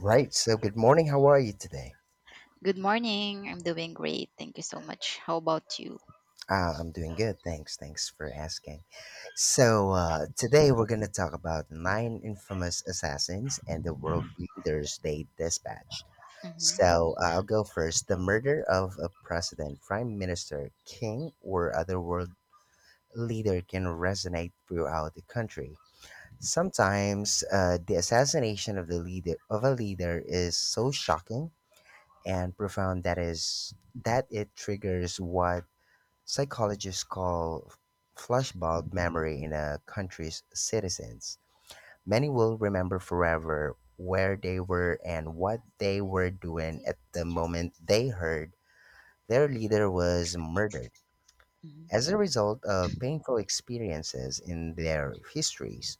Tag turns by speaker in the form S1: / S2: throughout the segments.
S1: Right. So, good morning. How are you today?
S2: Good morning. I'm doing great. Thank you so much. How about you?
S1: I'm doing good. Thanks. Thanks for asking. So, today we're going to talk about nine infamous assassins and the world leaders they dispatched.
S2: Mm-hmm.
S1: So, I'll go first. The murder of a president, prime minister, king, or other world leader can resonate throughout the country. Sometimes the assassination of the leader of a leader is so shocking and profound that it triggers what psychologists call flashbulb memory in a country's citizens. Many will remember forever where they were and what they were doing at the moment they heard their leader was murdered. As a result of painful experiences in their histories,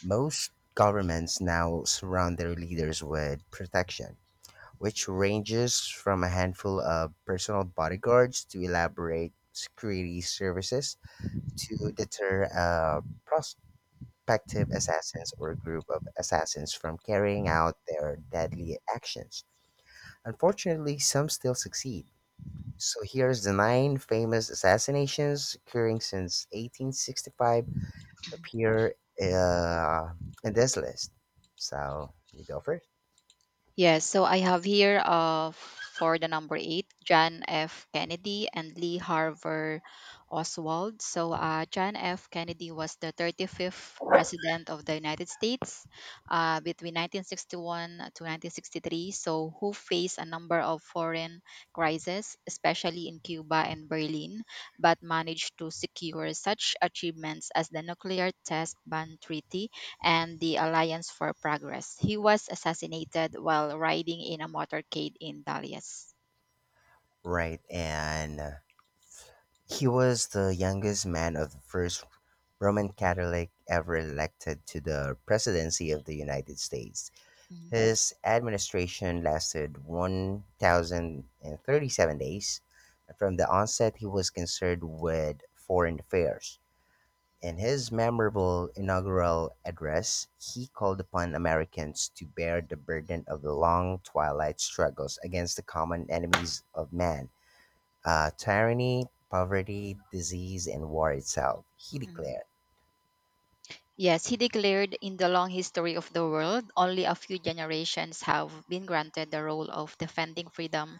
S1: most governments now surround their leaders with protection, which ranges from a handful of personal bodyguards to elaborate security services, to deter a prospective assassins or group of assassins from carrying out their deadly actions. Unfortunately, some still succeed. So here's the nine famous assassinations occurring since 1865 appear uh, in this list. So you go first.
S2: Yes, so I have here for the number eight, John F. Kennedy and Lee Harver Oswald. So John F. Kennedy was the 35th President of the United States between 1961 to 1963, so who faced a number of foreign crises, especially in Cuba and Berlin, but managed to secure such achievements as the nuclear test ban treaty and the Alliance for Progress. He was assassinated while riding in a motorcade in Dalias.
S1: Right, and he was the youngest man of the first Roman Catholic ever elected to the presidency of the United States.
S2: Mhm.
S1: His administration lasted 1,037 days. From the onset, he was concerned with foreign affairs. In his memorable inaugural address, he called upon Americans to bear the burden of the long twilight struggles against the common enemies of man, tyranny, poverty, disease, and war itself, he declared.
S2: Yes, he declared in the long history of the world, only a few generations have been granted the role of defending freedom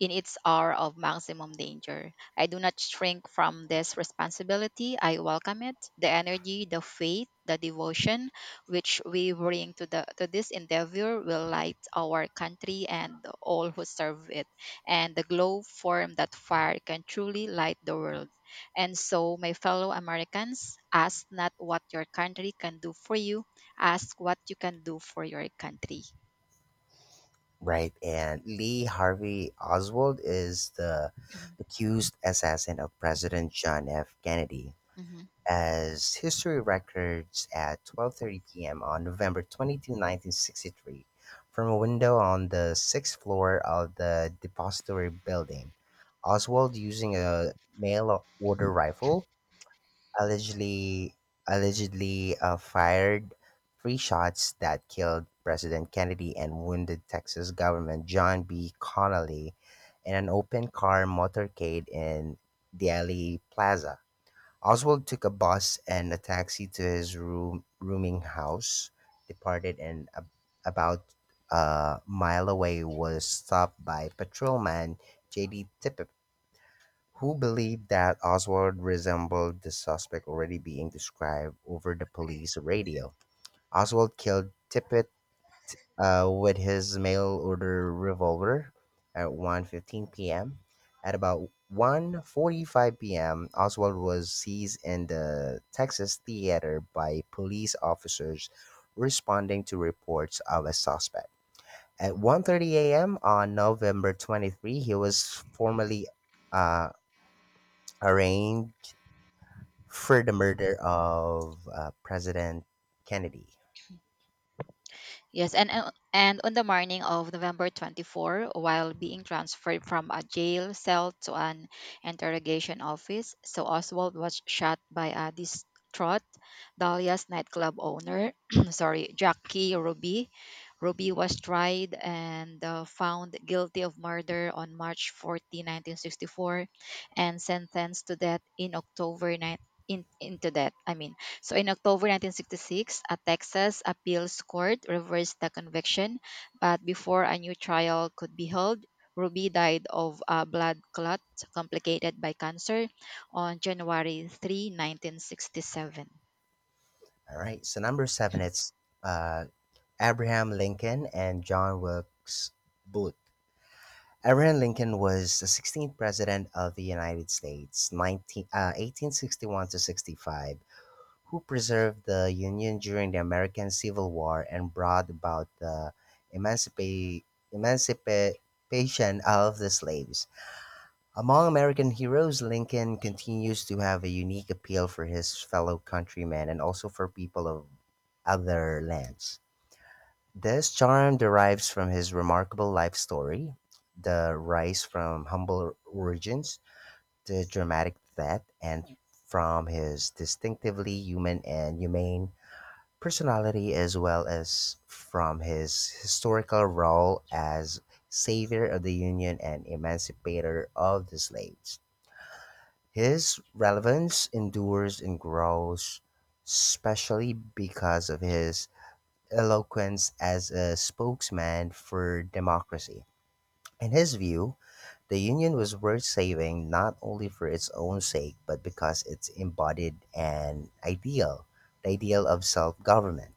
S2: in its hour of maximum danger. I do not shrink from this responsibility. I welcome it. The energy, the faith, the devotion which we bring to, to this endeavor will light our country and all who serve it. And the glow form that fire can truly light the world. And so, my fellow Americans, ask not what your country can do for you, ask what you can do for your country.
S1: Right, and Lee Harvey Oswald is the accused assassin of President John F. Kennedy.
S2: Mhm.
S1: As history records, at 12:30 p.m. on November 22, 1963, from a window on the 6th floor of the depository building, Oswald, using a mail order rifle, allegedly allegedly fired three shots that killed President Kennedy and wounded Texas Governor John B. Connally in an open car motorcade in Dealey Plaza. Oswald took a bus and a taxi to his room, rooming house, departed, and about a mile away was stopped by patrolman J.D. Tippit, who believed that Oswald resembled the suspect already being described over the police radio. Oswald killed Tippett with his mail order revolver at 1:15 p.m. At about 1:45 p.m., Oswald was seized in the Texas Theater by police officers responding to reports of a suspect. At 1:30 a.m. on November 23, he was formally uh, arraigned for the murder of President Kennedy.
S2: Yes, and on the morning of November 24, while being transferred from a jail cell to an interrogation office, so Oswald was shot by a distraught Dahlia's nightclub owner. Sorry, Jackie Ruby. Ruby was tried and found guilty of murder on March 14, 1964, and sentenced to death in October 9 into death. I mean, so in October 1966, a Texas appeals court reversed the conviction, but before a new trial could be held, Ruby died of a blood clot complicated by cancer on January 3, 1967.
S1: All right. So number seven, it's uh, Abraham Lincoln and John Wilkes Booth. Abraham Lincoln was the 16th President of the United States, 1861 to 65, who preserved the Union during the American Civil War and brought about the emancipa- emancipation of the slaves. Among American heroes, Lincoln continues to have a unique appeal for his fellow countrymen and also for people of other lands. This charm derives from his remarkable life story, the rise from humble origins to dramatic depth, and from his distinctively human and humane personality, as well as from his historical role as savior of the Union and emancipator of the slaves. His relevance endures and grows, especially because of his eloquence as a spokesman for democracy. In his view, the Union was worth saving not only for its own sake, but because it embodied an ideal, the ideal of self government.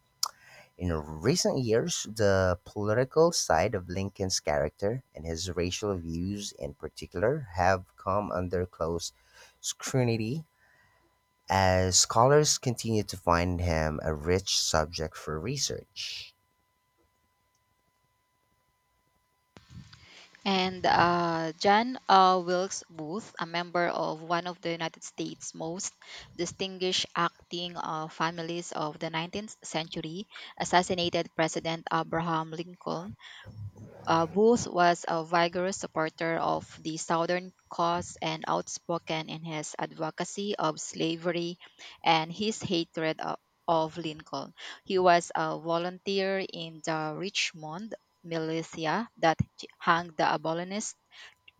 S1: In recent years, the political side of Lincoln's character and his racial views in particular have come under close scrutiny as scholars continue to find him a rich subject for research.
S2: And John Wilkes Booth, a member of one of the United States' most distinguished acting families of the 19th century, assassinated President Abraham Lincoln. Booth was a vigorous supporter of the Southern cause and outspoken in his advocacy of slavery and his hatred of Lincoln. He was a volunteer in the Richmond militia that hanged the abolitionists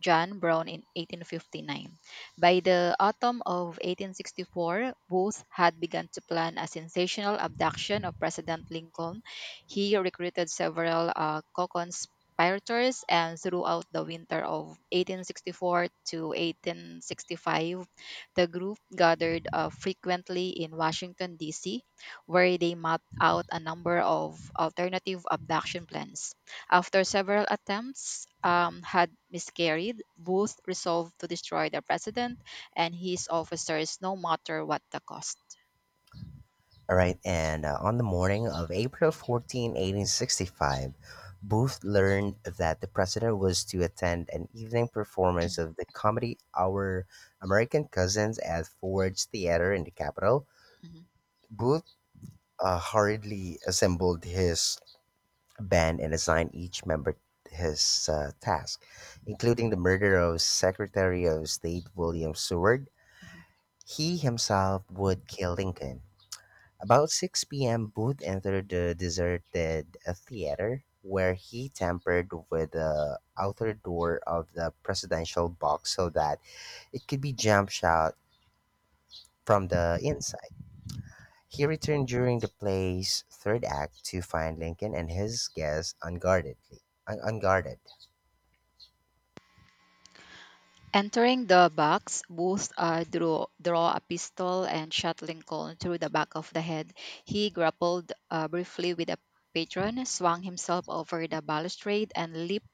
S2: John Brown in 1859. By the autumn of 1864, Booth had begun to plan a sensational abduction of President Lincoln. He recruited several co-conspirators, and throughout the winter of 1864 to 1865, the group gathered frequently in Washington, D.C., where they mapped out a number of alternative abduction plans. After several attempts had miscarried, Booth resolved to destroy the president and his officers no matter what the cost.
S1: All right, and on the morning of April 14, 1865, Booth learned that the president was to attend an evening performance of the comedy Our American Cousins at Ford's Theater in the capital.
S2: Mhm,
S1: Booth hurriedly assembled his band and assigned each member his task, including the murder of Secretary of State William Seward.
S2: mhm.
S1: He himself would kill Lincoln. About 6 p.m., Booth entered the deserted theater where he tampered with the outer door of the presidential box so that it could be jump shot from the inside. He returned during the play's third act to find Lincoln and his guests unguarded.
S2: Entering the box, Booth draw a pistol and shot Lincoln through the back of the head. He grappled briefly with a patron, swung himself over the balustrade, and leaped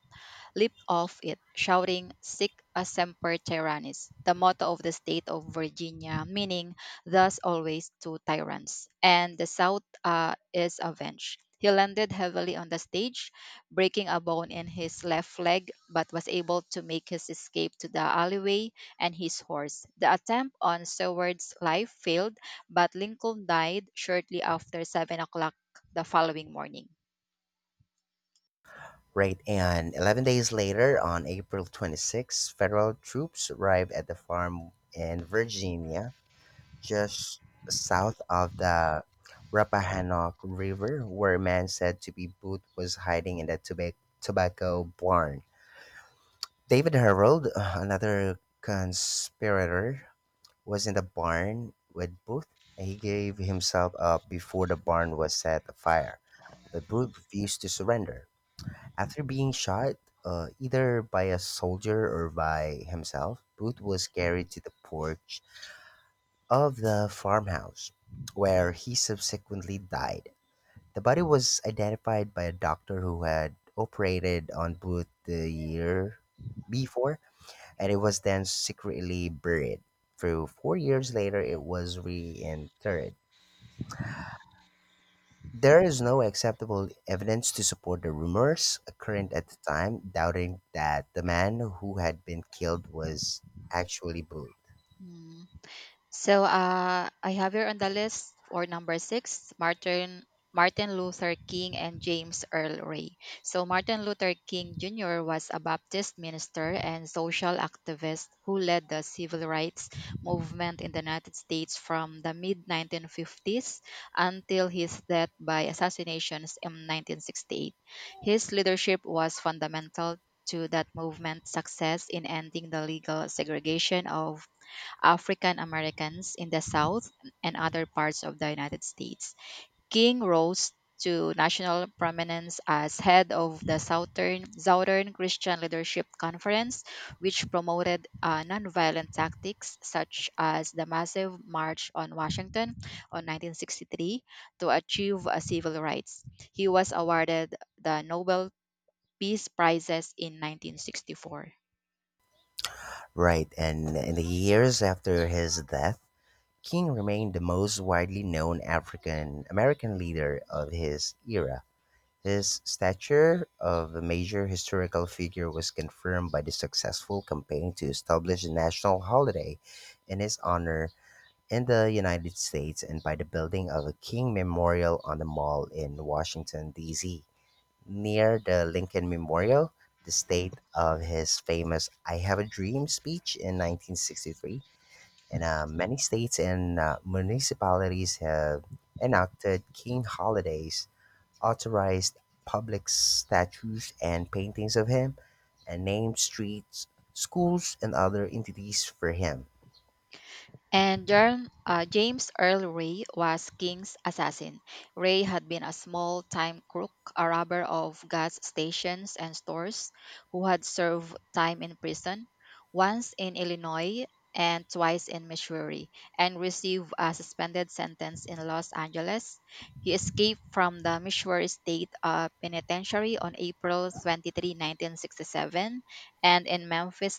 S2: leaped off it, shouting Sic a semper tyrannis, the motto of the state of Virginia, meaning thus always to tyrants, and the South is avenged. He landed heavily on the stage, breaking a bone in his left leg, but was able to make his escape to the alleyway and his horse. The attempt on Seward's life failed, but Lincoln died shortly after 7 o'clock the following morning.
S1: Right, and 11 days later, on April 26, federal troops arrived at the farm in Virginia just south of the Rappahannock River, where a man said to be Booth was hiding in a tobacco barn. David Harold, another conspirator, was in the barn with Booth, and he gave himself up before the barn was set afire. But Booth refused to surrender. After being shot, either by a soldier or by himself, Booth was carried to the porch of the farmhouse, where he subsequently died. The body was identified by a doctor who had operated on Booth the year before, and it was then secretly buried. Through 4 years later, it was reinterred. There is no acceptable evidence to support the rumors current at the time, doubting that the man who had been killed was actually Booth.
S2: Hmm. So I have here on the list for number six, Martin Luther King and James Earl Ray. So Martin Luther King Jr. was a Baptist minister and social activist who led the civil rights movement in the United States from the mid 1950s until his death by assassinations in 1968. His leadership was fundamental to that movement's success in ending the legal segregation of African Americans in the South and other parts of the United States. King rose to national prominence as head of the Southern Christian Leadership Conference, which promoted nonviolent tactics such as the massive March on Washington on 1963 to achieve civil rights. He was awarded the Nobel Peace Prizes in 1964.
S1: Right, and in the years after his death, King remained the most widely known African American leader of his era; his stature of a major historical figure was confirmed by the successful campaign to establish a national holiday in his honor in the United States and by the building of a King Memorial on the Mall in Washington, D.C., near the Lincoln Memorial, the state of his famous I Have a Dream speech in 1963, and many states and municipalities have enacted king holidays, authorized public statues and paintings of him, and named streets, schools, and other entities for him.
S2: And James Earl Ray was King's assassin. Ray had been a small time crook, a robber of gas stations and stores, who had served time in prison, once in Illinois and twice in Missouri, and received a suspended sentence in Los Angeles. He escaped from the Missouri State Penitentiary on April 23, 1967, and in Memphis,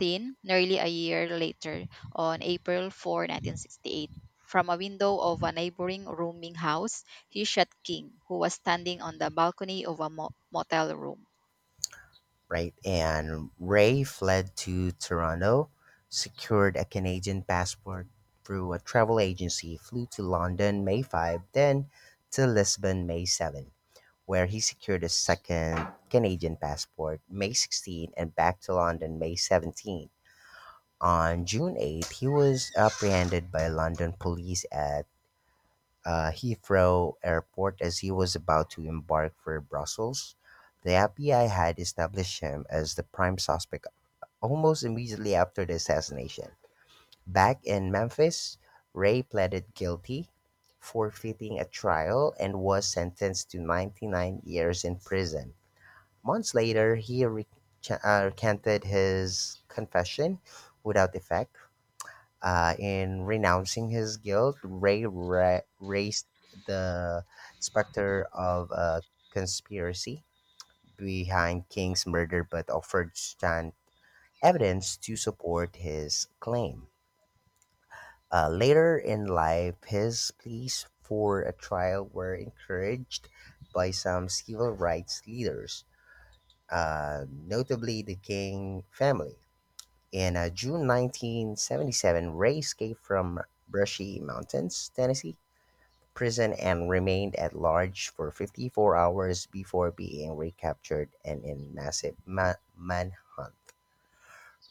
S2: nearly a year later, on April 4, 1968. From a window of a neighboring rooming house, he shot King, who was standing on the balcony of a motel room.
S1: Right? And Ray fled to Toronto, secured a Canadian passport through a travel agency, flew to London May 5, then to Lisbon May 7, where he secured a second Canadian passport May 16 and back to London May 17. On June 8, he was apprehended by London police at Heathrow Airport as he was about to embark for Brussels. The FBI had established him as the prime suspect almost immediately after the assassination. Back in Memphis, Ray pleaded guilty, forfeiting a trial, and was sentenced to 99 years in prison. Months later, he recanted his confession without effect. In renouncing his guilt, Ray raised the specter of a conspiracy behind King's murder but offered scant evidence to support his claim. Later in life, his pleas for a trial were encouraged by some civil rights leaders, notably the King family. In June 1977, Ray escaped from Brushy Mountains, Tennessee prison and remained at large for 54 hours before being recaptured and in massive manhunt.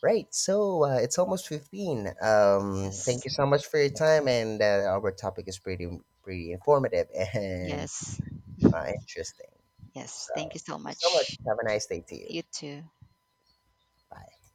S1: Right, so it's almost 15. Thank
S2: Yes.
S1: you so much for your time, and our topic is pretty informative and
S2: Yes.
S1: interesting.
S2: Yes.
S1: So
S2: Thank you so
S1: thank you so much.
S2: much.
S1: Have a nice day to you.
S2: You too.
S1: Bye.